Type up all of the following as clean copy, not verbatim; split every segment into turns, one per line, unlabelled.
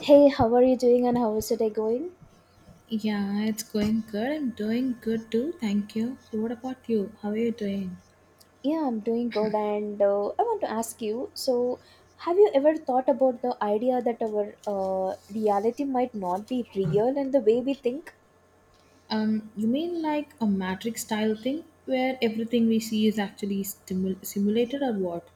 Hey, how are you doing and how is your day going?
Yeah, it's going good. I'm doing good too. Thank you. So, what about you? How are you doing?
Yeah, I'm doing good and I want to ask you, so have you ever thought about the idea that our reality might not be real and the way we think?
You mean like a matrix style thing where everything we see is actually simulated or what?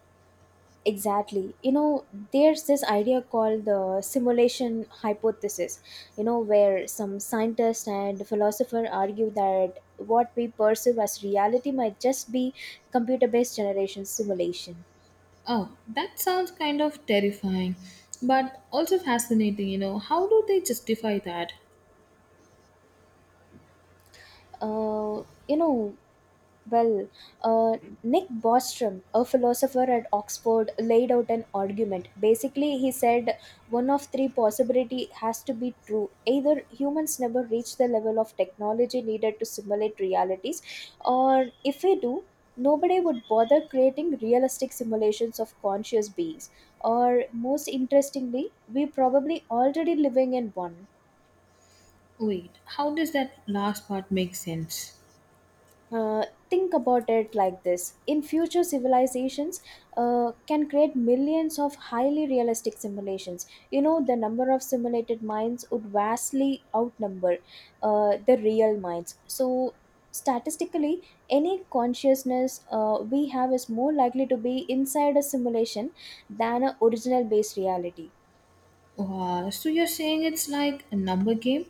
Exactly. There's this idea called the simulation hypothesis, where some scientists and philosophers argue that what we perceive as reality might just be computer based generation simulation.
Oh, that sounds kind of terrifying, but also fascinating, you know. How do they justify that?
Uh, you know, Well, uh, Nick Bostrom, a philosopher at Oxford, laid out an argument. Basically, he said one of three possibility has to be true. Either humans never reach the level of technology needed to simulate realities, or if we do, nobody would bother creating realistic simulations of conscious beings. Or most interestingly, we probably already living in one.
Wait, how does that last part make sense?
Think about it like this. In future civilizations can create millions of highly realistic simulations. The number of simulated minds would vastly outnumber the real minds, so statistically any consciousness we have is more likely to be inside a simulation than a original based reality.
Wow, so you're saying it's like a number game?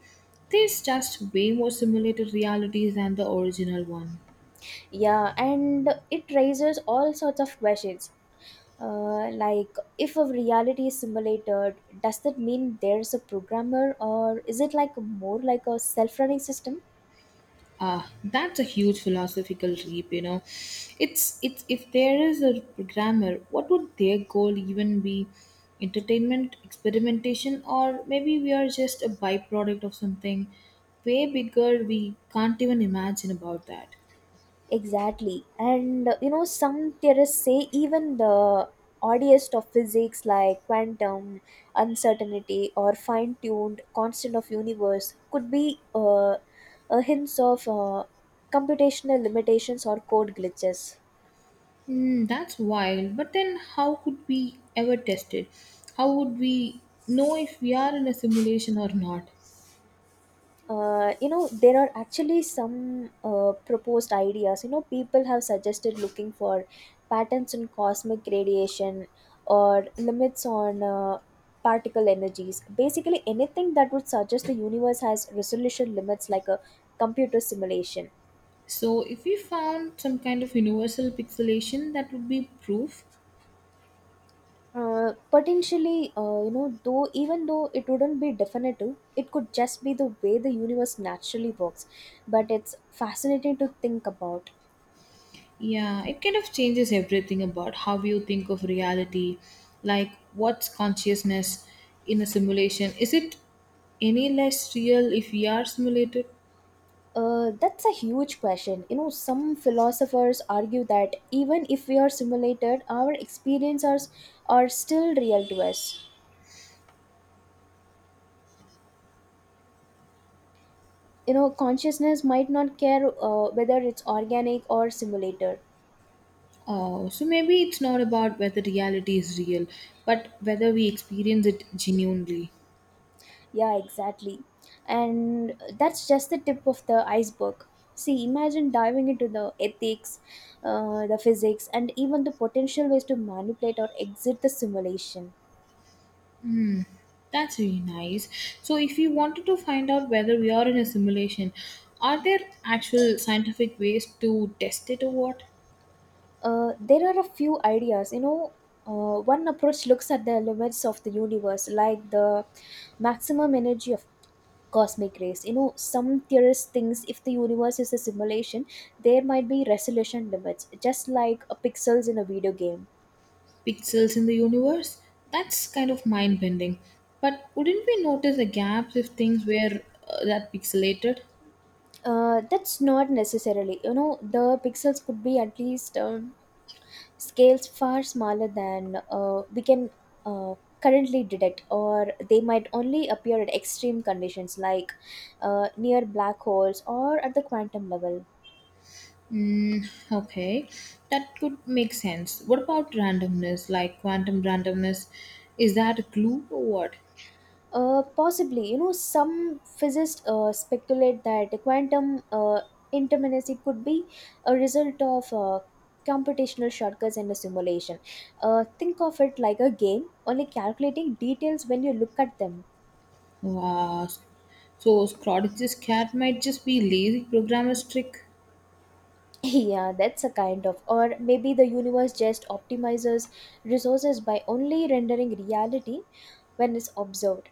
There's just way more simulated realities than the original one.
Yeah, and it raises all sorts of questions. Like, if a reality is simulated, does that mean there's a programmer, or is it like more like a self running system?
Ah, that's a huge philosophical leap, you know. It's if there is a programmer, what would their goal even be? Entertainment, experimentation, or maybe we are just a byproduct of something way bigger we can't even imagine about that.
Exactly. And some theorists say even the oddest of physics like quantum uncertainty or fine-tuned constant of universe could be a hints of computational limitations or code glitches.
Hmm, that's wild. But then how could we ever test it? How would we know if we are in a simulation or not?
There are actually some proposed ideas. People have suggested looking for patents on cosmic radiation or limits on particle energies, basically anything that would suggest the universe has resolution limits like a computer simulation.
So if we found some kind of universal pixelation, that would be proof.
Potentially, though even though it wouldn't be definitive, it could just be the way the universe naturally works, but it's fascinating to think about.
Yeah, it kind of changes everything about how you think of reality. Like, what's consciousness in a simulation? Is it any less real if we are simulated?
That's a huge question. Some philosophers argue that even if we are simulated, our experiences are still real to us. Consciousness might not care whether it's organic or simulated.
Oh, so maybe it's not about whether reality is real, but whether we experience it genuinely.
Yeah, exactly. And that's just the tip of the iceberg. See, imagine diving into the ethics, the physics, and even the potential ways to manipulate or exit the simulation.
Hmm, that's really nice. So, if we wanted to find out whether we are in a simulation, are there actual scientific ways to test it or what?
There are a few ideas. One approach looks at the limits of the universe, like the maximum energy of cosmic rays. Some theorists thinks if the universe is a simulation, there might be resolution limits, just like pixels in a video game.
Pixels in the universe. That's kind of mind bending. But wouldn't we notice the gaps if things were that pixelated?
That's not necessarily. The pixels could be at least. Scales far smaller than we can uh, currently detect, or they might only appear at extreme conditions like near black holes or at the quantum level.
Mm, okay, that could make sense. What about randomness, like quantum randomness? Is that a clue or what?
Possibly. Some physicists speculate that the quantum interminacy could be a result of computational shortcuts in a simulation. Think of it like a game only calculating details when you look at them.
Wow. So Schrodinger's cat might just be lazy programmer's trick.
Yeah, that's a kind of. Or maybe the universe just optimizes resources by only rendering reality when it's observed.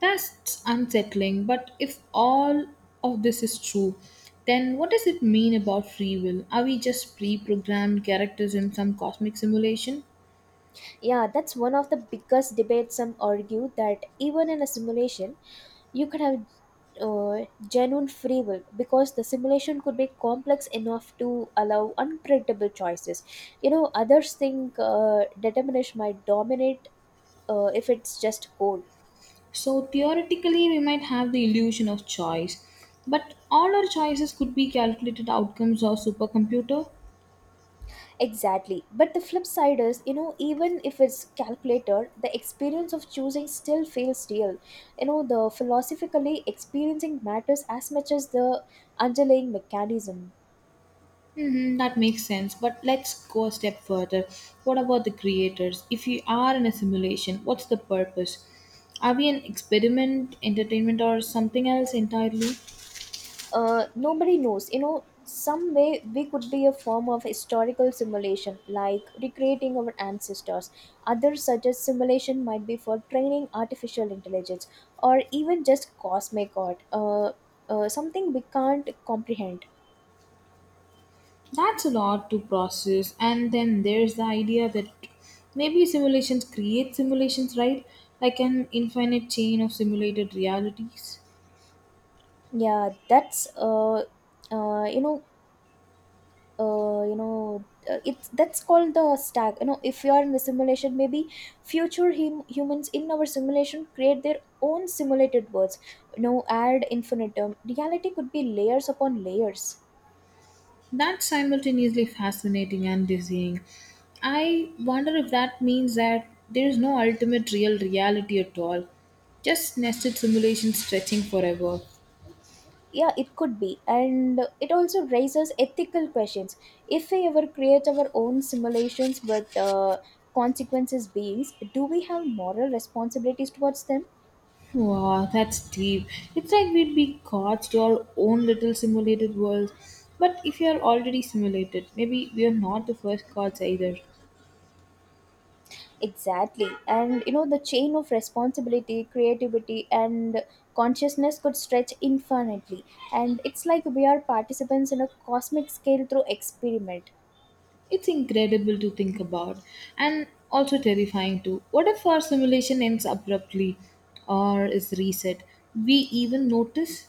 That's unsettling, but if all of this is true, then what does it mean about free will? Are we just pre programmed characters in some cosmic simulation?
Yeah, that's one of the biggest debates. Some argue that even in a simulation, you could have genuine free will because the simulation could be complex enough to allow unpredictable choices. Others think determinism might dominate if it's just code.
So, theoretically, we might have the illusion of choice, but all our choices could be calculated outcomes of supercomputer?
Exactly. But the flip side is, even if it's calculated, the experience of choosing still feels real. The philosophically experiencing matters as much as the underlying mechanism.
Hmm, that makes sense, but let's go a step further. What about the creators? If we are in a simulation, what's the purpose? Are we an experiment, entertainment, or something else entirely?
Nobody knows. Some way we could be a form of historical simulation, like recreating our ancestors. Others suggest simulation might be for training artificial intelligence or even just cosmic art. Something we can't comprehend.
That's a lot to process. And then there's the idea that maybe simulations create simulations, right? Like an infinite chain of simulated realities.
Yeah, that's uh, you know, it's that's called the stack. If you are in the simulation, maybe future humans in our simulation create their own simulated worlds. Ad infinitum. Reality could be layers upon layers.
That's simultaneously fascinating and dizzying. I wonder if that means that there is no ultimate real reality at all, just nested simulations stretching forever.
Yeah, it could be, and it also raises ethical questions. If we ever create our own simulations with consequences beings, do we have moral responsibilities towards them?
Wow, that's deep. It's like we'd be gods to our own little simulated world. But if you're already simulated, maybe we're not the first gods either.
Exactly. And the chain of responsibility, creativity, and consciousness could stretch infinitely. And it's like we are participants in a cosmic scale through experiment.
It's incredible to think about, and also terrifying too. What if our simulation ends abruptly or is reset? We even notice?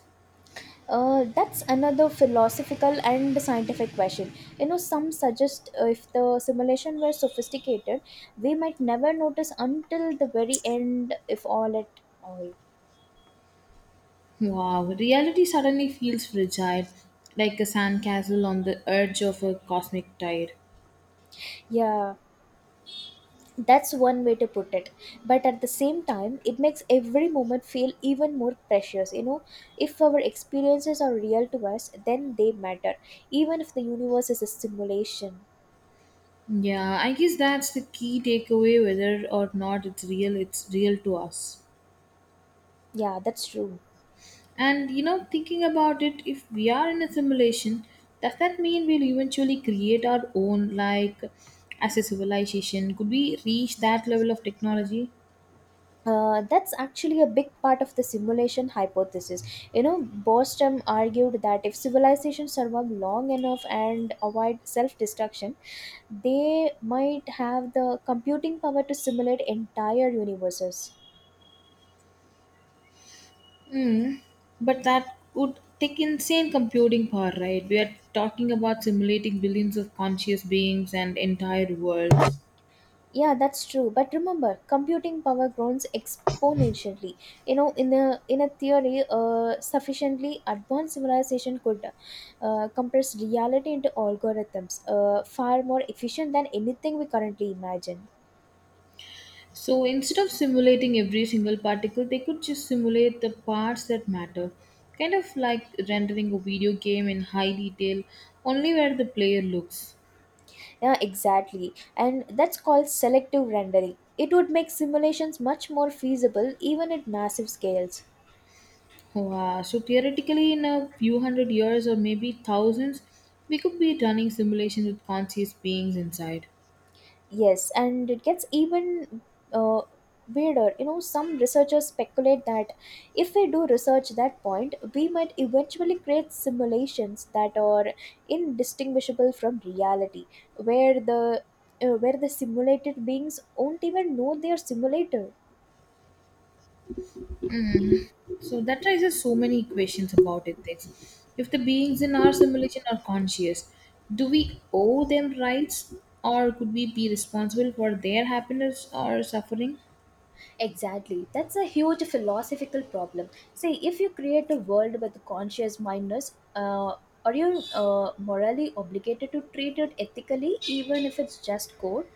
That's another philosophical and scientific question. Some suggest if the simulation were sophisticated, we might never notice until the very end, if all at all.
Wow, reality suddenly feels fragile, like a sandcastle on the edge of a cosmic tide.
Yeah, that's one way to put it. But at the same time, it makes every moment feel even more precious. If our experiences are real to us, then they matter, even if the universe is a simulation.
Yeah, I guess that's the key takeaway, whether or not it's real, it's real to us.
Yeah, that's true.
And you know, thinking about it, if we are in a simulation, does that mean we'll eventually create our own, like as a civilization? Could we reach that level of technology?
That's actually a big part of the simulation hypothesis. Bostrom argued that if civilizations survive long enough and avoid self destruction, they might have the computing power to simulate entire universes.
Mm, but that would take insane computing power, right? We are talking about simulating billions of conscious beings and entire worlds.
Yeah, that's true. But remember, computing power grows exponentially. In a theory, sufficiently advanced civilization could compress reality into algorithms, far more efficient than anything we currently imagine.
So instead of simulating every single particle, they could just simulate the parts that matter. Kind of like rendering a video game in high detail, only where the player looks.
Yeah, exactly, and that's called selective rendering. It would make simulations much more feasible, even at massive scales.
Wow. So theoretically, in a few hundred years or maybe thousands, we could be running simulations with conscious beings inside.
Yes, and it gets even uh, weirder. Some researchers speculate that if we do research that point, we might eventually create simulations that are indistinguishable from reality, where the simulated beings won't even know they are simulated.
Mhm. So that raises so many questions about ethics. If the beings in our simulation are conscious, do we owe them rights, or could we be responsible for their happiness or suffering?
Exactly. That's a huge philosophical problem. See, if you create a world with conscious mindness, are you morally obligated to treat it ethically, even if it's just code?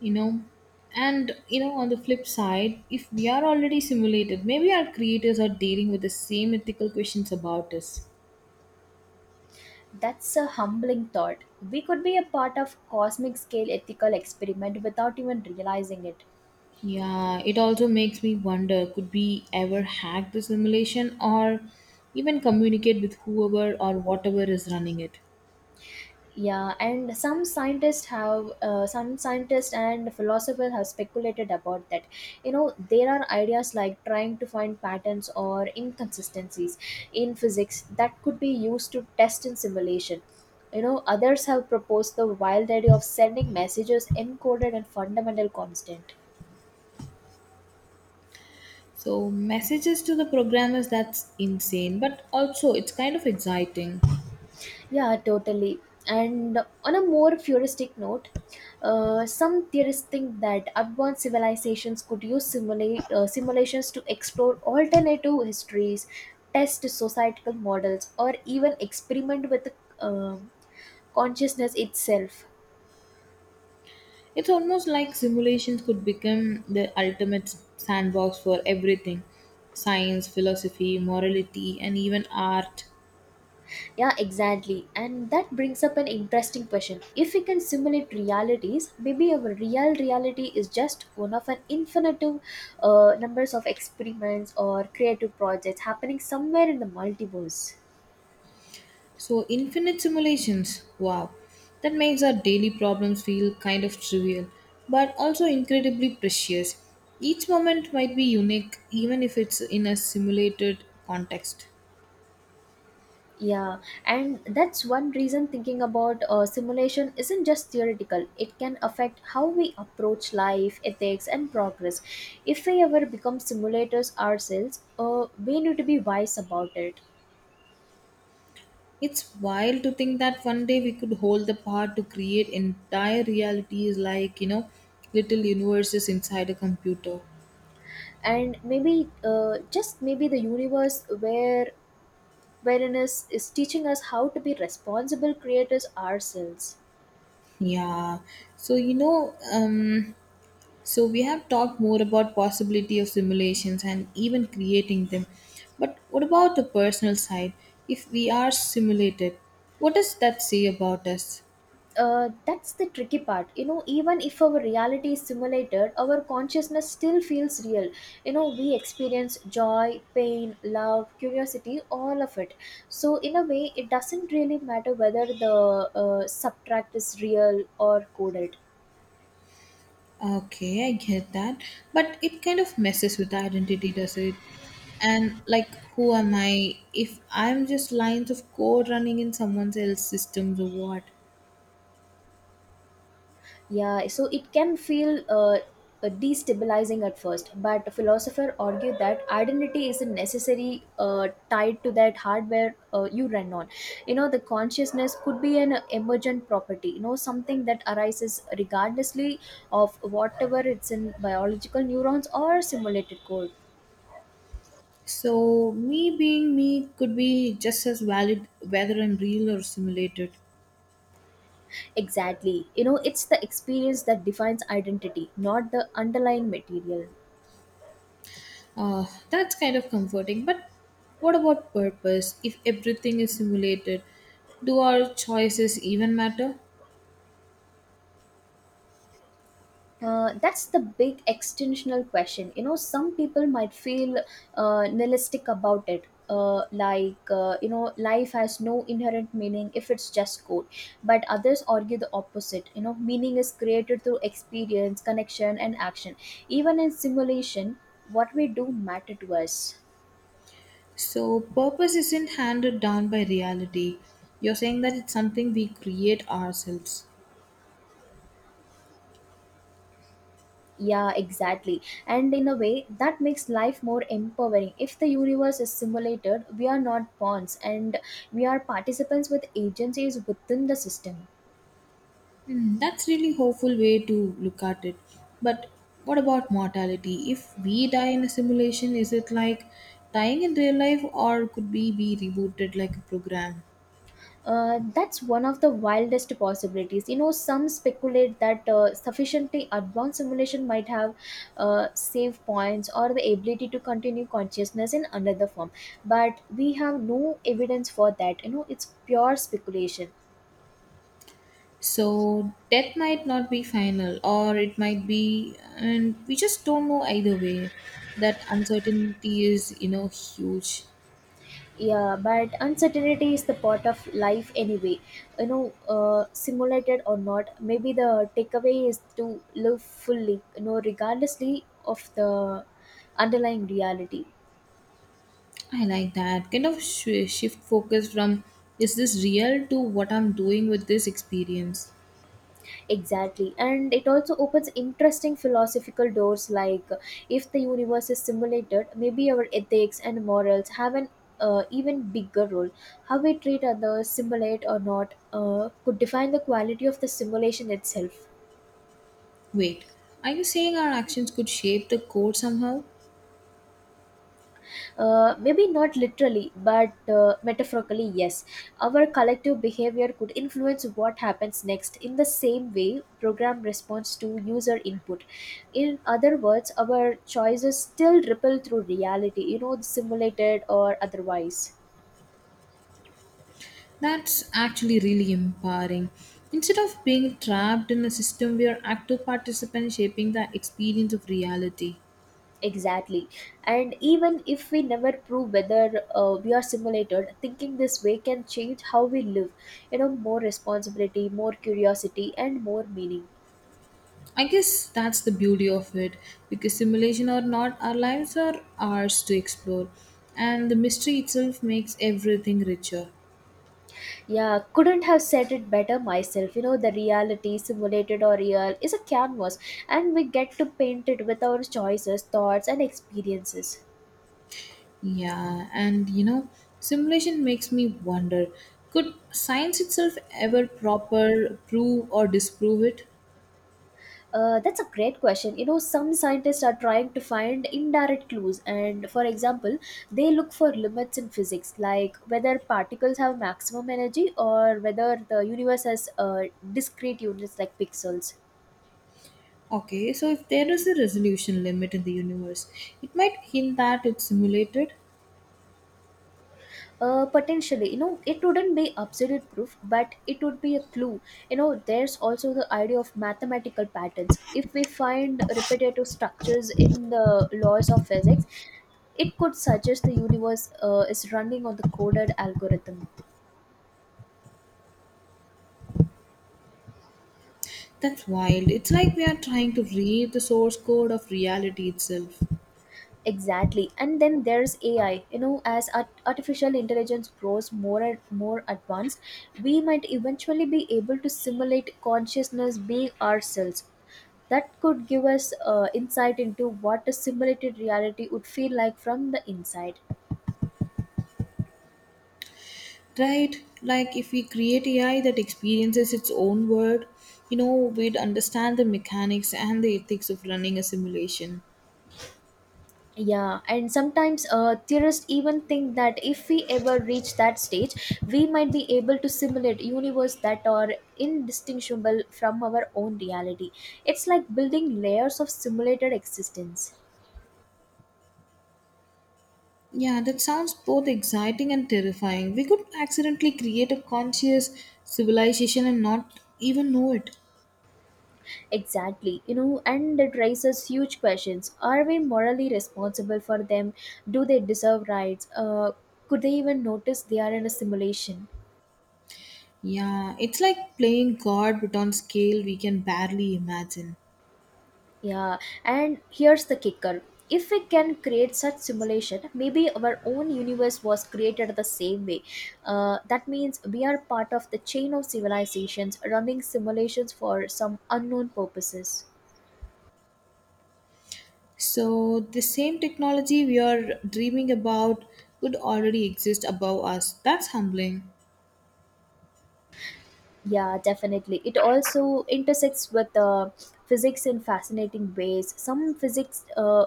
You know, and you know, on the flip side, if we are already simulated, maybe our creators are dealing with the same ethical questions about us.
That's a humbling thought. We could be a part of cosmic scale ethical experiment without even realizing it.
Yeah, it also makes me wonder, could we ever hack the simulation or even communicate with whoever or whatever is running it?
Yeah, and some scientists and philosophers have speculated about that. There are ideas like trying to find patterns or inconsistencies in physics that could be used to test in simulation. Others have proposed the wild idea of sending messages encoded in fundamental constant.
So messages to the programmers, that's insane, but also it's kind of exciting.
Yeah, totally. And on a more futuristic note, some theorists think that advanced civilizations could use simulations to explore alternative histories, test societal models, or even experiment with uh, consciousness itself.
It's almost like simulations could become the ultimate sandbox for everything. Science, philosophy, morality, and even art.
Yeah, exactly. And that brings up an interesting question. If we can simulate realities, maybe our real reality is just one of an infinite numbers of experiments or creative projects happening somewhere in the multiverse.
So infinite simulations. Wow. That makes our daily problems feel kind of trivial, but also incredibly precious. Each moment might be unique even if it's in a simulated context.
Yeah, and that's one reason thinking about simulation isn't just theoretical. It can affect how we approach life, ethics, and progress. If we ever become simulators ourselves, we need to be wise about it.
It's wild to think that one day we could hold the power to create entire realities, like, you know, little universes inside a computer.
And maybe just maybe the universe wherein is teaching us how to be responsible creators ourselves.
Yeah. So, so we have talked more about possibility of simulations and even creating them. But what about the personal side? If we are simulated, what does that say about us?
That's the tricky part. Even if our reality is simulated, our consciousness still feels real. We experience joy, pain, love, curiosity, all of it. So in a way, it doesn't really matter whether the subtract is real or coded.
Okay, I get that. But it kind of messes with the identity, does it? And like, who am I if I'm just lines of code running in someone else's systems or what?
Yeah, so it can feel destabilizing at first, but philosophers argue that identity isn't necessarily tied to that hardware you run on. The consciousness could be an emergent property. Something that arises regardlessly of whatever it's in biological neurons or simulated code.
So, me being me could be just as valid whether I'm real or simulated.
Exactly. It's the experience that defines identity, not the underlying material.
That's kind of comforting. But what about purpose if everything is simulated? Do our choices even matter?
That's the big extensional question. Some people might feel nihilistic about it. Like, life has no inherent meaning if it's just code, but others argue the opposite. Meaning is created through experience, connection and action, even in simulation. What we do matter to us.
So, purpose isn't handed down by reality. You're saying that it's something we create ourselves.
Yeah, exactly. And in a way, that makes life more empowering. If the universe is simulated, we are not pawns, and we are participants with agencies within the system.
Hmm, that's really hopeful way to look at it. But what about mortality? If we die in a simulation, is it like dying in real life, or could we be rebooted like a program?
That's one of the wildest possibilities. Some speculate that sufficiently advanced simulation might have save points or the ability to continue consciousness in another form. But we have no evidence for that. It's pure speculation.
So, death might not be final, or it might be and we just don't know either way. That uncertainty is, you know, huge.
Yeah, but uncertainty is the part of life anyway. Simulated or not, maybe the takeaway is to live fully, regardlessly of the underlying reality.
I like that kind of shift focus from is this real to what I'm doing with this experience.
Exactly, and it also opens interesting philosophical doors, like if the universe is simulated, maybe our ethics and morals have an even bigger role. How we treat others, simulate or not, could define the quality of the simulation itself.
Wait, are you saying our actions could shape the code somehow?
Maybe not literally, but metaphorically, yes. Our collective behavior could influence what happens next in the same way program responds to user input. In other words, our choices still ripple through reality, you know, simulated or otherwise.
That's actually really empowering. Instead of being trapped in a system, we are active participants shaping the experience of reality.
Exactly. And even if we never prove whether we are simulated, thinking this way can change how we live. You know, more responsibility, more curiosity, and more meaning.
I guess that's the beauty of it, because simulation or not, our lives are ours to explore, and the mystery itself makes everything richer.
Yeah, couldn't have said it better myself. You know, the reality, simulated or real, is a canvas, and we get to paint it with our choices, thoughts, and experiences.
Yeah, and you know, simulation makes me wonder, could science itself ever proper prove or disprove it?
That's a great question. You know, some scientists are trying to find indirect clues, and for example, they look for limits in physics, like whether particles have maximum energy or whether the universe has discrete units like pixels.
Okay, so if there is a resolution limit in the universe, it might hint that it's simulated.
Potentially, you know, it wouldn't be absolute proof, but it would be a clue. You know, there's also the idea of mathematical patterns. If we find repetitive structures in the laws of physics, it could suggest the universe is running on the coded algorithm.
That's wild. It's like we are trying to read the source code of reality itself.
Exactly. And then there's AI. You know, as artificial intelligence grows more and more advanced, we might eventually be able to simulate consciousness being ourselves. That could give us insight into what a simulated reality would feel like from the inside.
Right? Like if we create AI that experiences its own world, you know, we'd understand the mechanics and the ethics of running a simulation.
Yeah, and sometimes theorists even think that if we ever reach that stage, we might be able to simulate universe that are indistinguishable from our own reality. It's like building layers of simulated existence.
Yeah, that sounds both exciting and terrifying. We could accidentally create a conscious civilization and not even know it.
Exactly, you know, and it raises huge questions. Are we morally responsible for them? Do they deserve rights? Could they even notice they are in a simulation?
Yeah, it's like playing God but on scale we can barely imagine.
Yeah, and here's the kicker. If we can create such simulation, maybe our own universe was created the same way. That means we are part of the chain of civilizations running simulations for some unknown purposes.
So, the same technology we are dreaming about could already exist above us. That's humbling.
Yeah, definitely. It also intersects with physics in fascinating ways. Some physics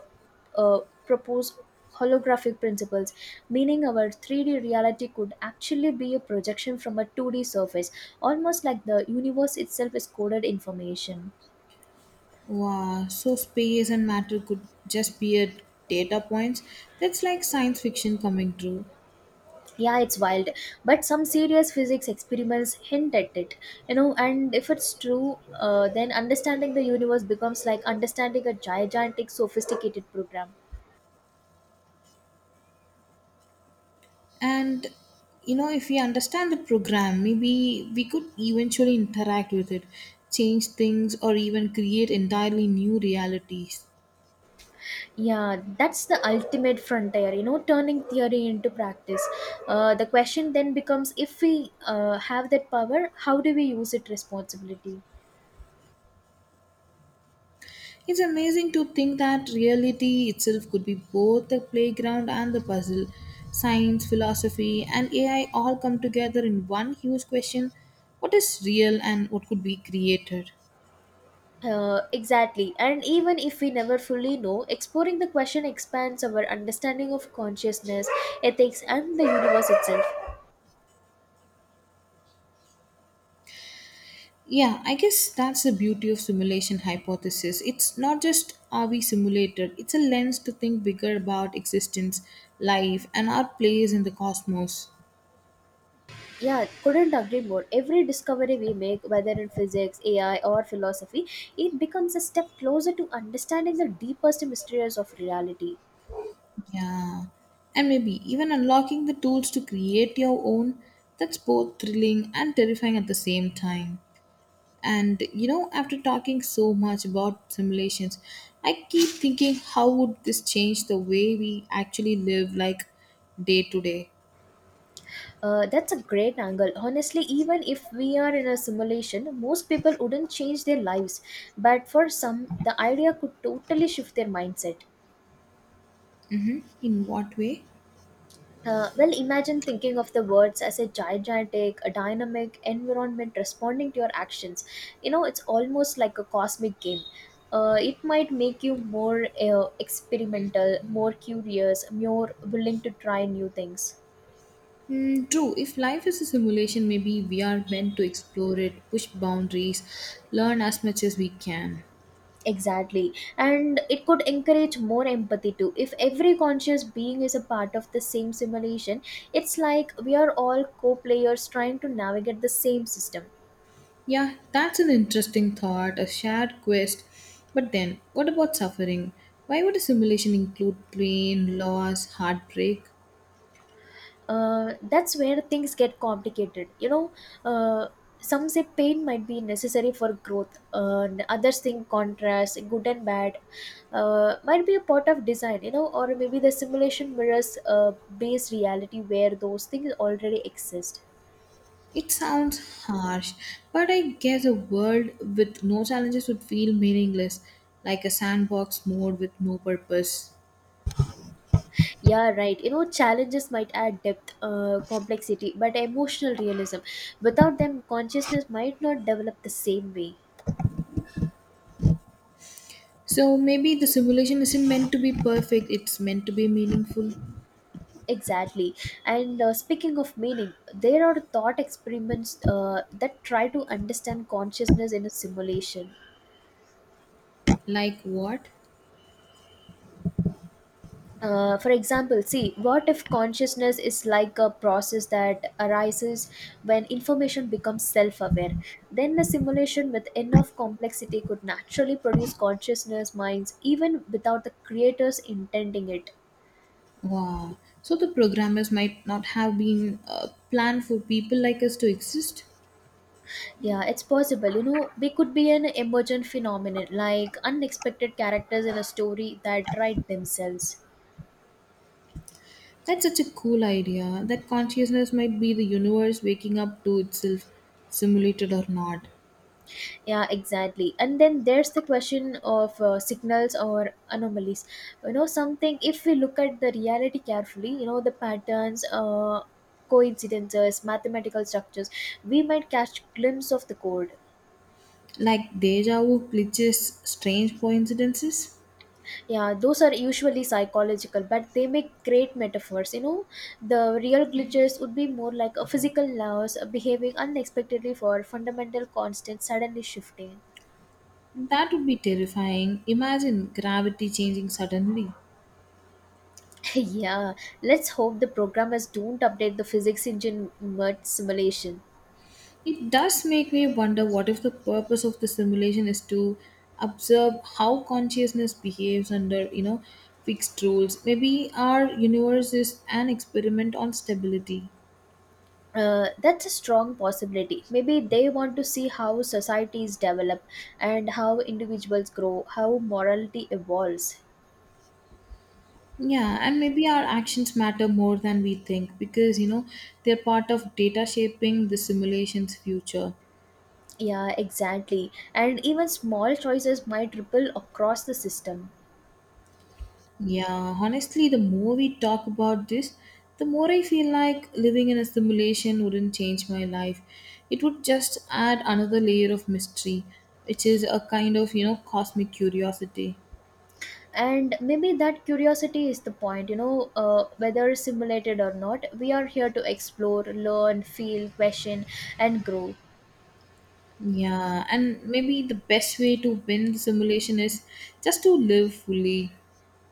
uh, propose holographic principles, meaning our 3D reality could actually be a projection from a 2D surface, almost like the universe itself is coded information.
Wow, so space and matter could just be a data points. That's like science fiction coming true.
Yeah, it's wild, but some serious physics experiments hint at it, you know. And if it's true, then understanding the universe becomes like understanding a gigantic, sophisticated program.
And you know, if we understand the program, maybe we could eventually interact with it, change things or even create entirely new realities.
Yeah, that's the ultimate frontier, you know, turning theory into practice. The question then becomes, if we have that power, how do we use it responsibility?
It's amazing to think that reality itself could be both the playground and the puzzle. Science, philosophy and AI all come together in one huge question. What is real and what could be created?
Exactly. And even if we never fully know, exploring the question expands our understanding of consciousness, ethics, and the universe itself.
Yeah, I guess that's the beauty of simulation hypothesis. It's not just are we simulated, it's a lens to think bigger about existence, life, and our place in the cosmos.
Yeah, couldn't agree more. Every discovery we make, whether in physics, AI, or philosophy, it becomes a step closer to understanding the deepest mysteries of reality.
Yeah. And maybe even unlocking the tools to create your own, that's both thrilling and terrifying at the same time. And you know, after talking so much about simulations, I keep thinking how would this change the way we actually live, like day to day?
That's a great angle. Honestly, even if we are in a simulation, most people wouldn't change their lives. But for some, the idea could totally shift their mindset.
In what way?
Well, imagine thinking of the words as a gigantic, a dynamic environment responding to your actions. You know, it's almost like a cosmic game. It might make you more experimental, more curious, more willing to try new things.
Mm, true. If life is a simulation, maybe we are meant to explore it, push boundaries, learn as much as we can.
Exactly. And it could encourage more empathy too. If every conscious being is a part of the same simulation, it's like we are all co players trying to navigate the same system.
Yeah, that's an interesting thought, a shared quest. But then, what about suffering? Why would a simulation include pain, loss, heartbreak?
That's where things get complicated. You know, uh, some say pain might be necessary for growth, and others think contrast, good and bad, might be a part of design, you know, or maybe the simulation mirrors based reality where those things already exist.
It sounds harsh, but I guess a world with no challenges would feel meaningless, like a sandbox mode with no purpose.
Yeah, right. You know, challenges might add depth, complexity, but emotional realism. Without them, consciousness might not develop the same way.
So maybe the simulation isn't meant to be perfect, it's meant to be meaningful.
Exactly. And speaking of meaning, there are thought experiments that try to understand consciousness in a simulation.
Like what?
For example, see, what if consciousness is like a process that arises when information becomes self aware? Then a simulation with enough complexity could naturally produce consciousness minds even without the creators intending it.
Wow. So the programmers might not have been planned for people like us to exist?
Yeah, it's possible. You know, we could be an emergent phenomenon like unexpected characters in a story that write themselves.
That's such a cool idea. That consciousness might be the universe waking up to itself, simulated or not.
Yeah, exactly. And then there's the question of signals or anomalies. You know, something, if we look at the reality carefully, you know, the patterns, coincidences, mathematical structures, we might catch glimpse of the code.
Like deja vu glitches, strange coincidences?
Yeah, those are usually psychological, but they make great metaphors. You know, the real glitches would be more like a physical laws behaving unexpectedly for fundamental constant suddenly shifting.
That would be terrifying. Imagine gravity changing suddenly.
Yeah, let's hope the programmers don't update the physics engine mud simulation.
It does make me wonder, what if the purpose of the simulation is to observe how consciousness behaves under, you know, fixed rules. Maybe our universe is an experiment on stability.
That's a strong possibility. Maybe they want to see how societies develop and how individuals grow, how morality evolves.
Yeah, and maybe our actions matter more than we think because, you know, they're part of data shaping the simulation's future.
Yeah, exactly. And even small choices might ripple across the system.
Yeah, honestly, the more we talk about this, the more I feel like living in a simulation wouldn't change my life. It would just add another layer of mystery, which is a kind of, you know, cosmic curiosity.
And maybe that curiosity is the point, you know, whether simulated or not, we are here to explore, learn, feel, question, and grow.
Yeah, and maybe the best way to win the simulation is just to live fully.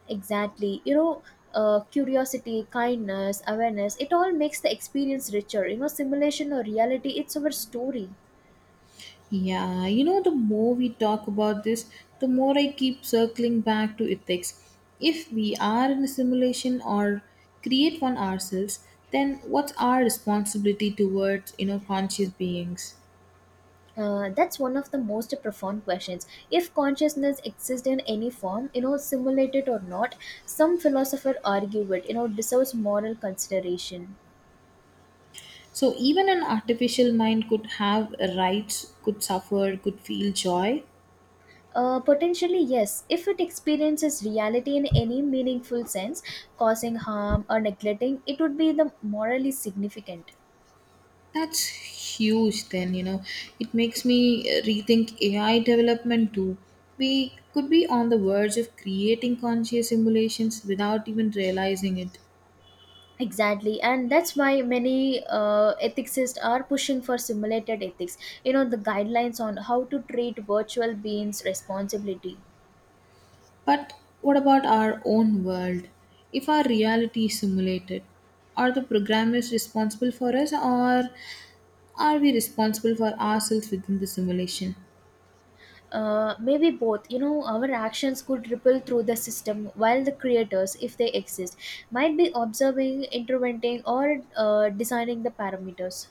Exactly. You know, curiosity, kindness, awareness, it all makes the experience richer. You know, simulation or reality, it's our story.
Yeah, you know, the more we talk about this, the more I keep circling back to ethics. If we are in a simulation or create one ourselves, then what's our responsibility towards, you know, conscious beings?
That's one of the most profound questions. If consciousness exists in any form, you know, simulated or not, some philosopher argue it, you know, deserves moral consideration.
So even an artificial mind could have rights, could suffer, could feel joy.
Potentially, yes. If it experiences reality in any meaningful sense, causing harm or neglecting, it would be the morally significant.
That's huge, then, you know. It makes me rethink AI development too. We could be on the verge of creating conscious simulations without even realizing it.
Exactly, and that's why many ethicists are pushing for simulated ethics. You know, the guidelines on how to treat virtual beings responsibility.
But what about our own world? If our reality is simulated, are the programmers responsible for us, or are we responsible for ourselves within the simulation?
Maybe both. You know, our actions could ripple through the system while the creators, if they exist, might be observing, interventing, or designing the parameters.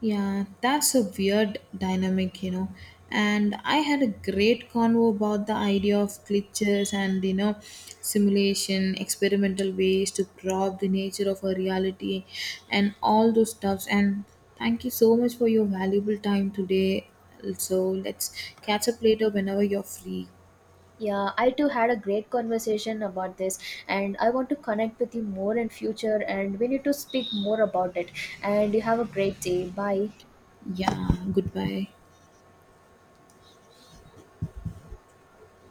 Yeah, that's a weird dynamic, you know. And I had a great convo about the idea of glitches and, you know, simulation, experimental ways to probe the nature of a reality and all those stuffs. And thank you so much for your valuable time today. So let's catch up later whenever you're free.
Yeah, I too had a great conversation about this, and I want to connect with you more in future, and we need to speak more about it. And you have a great day. Bye.
Yeah, goodbye.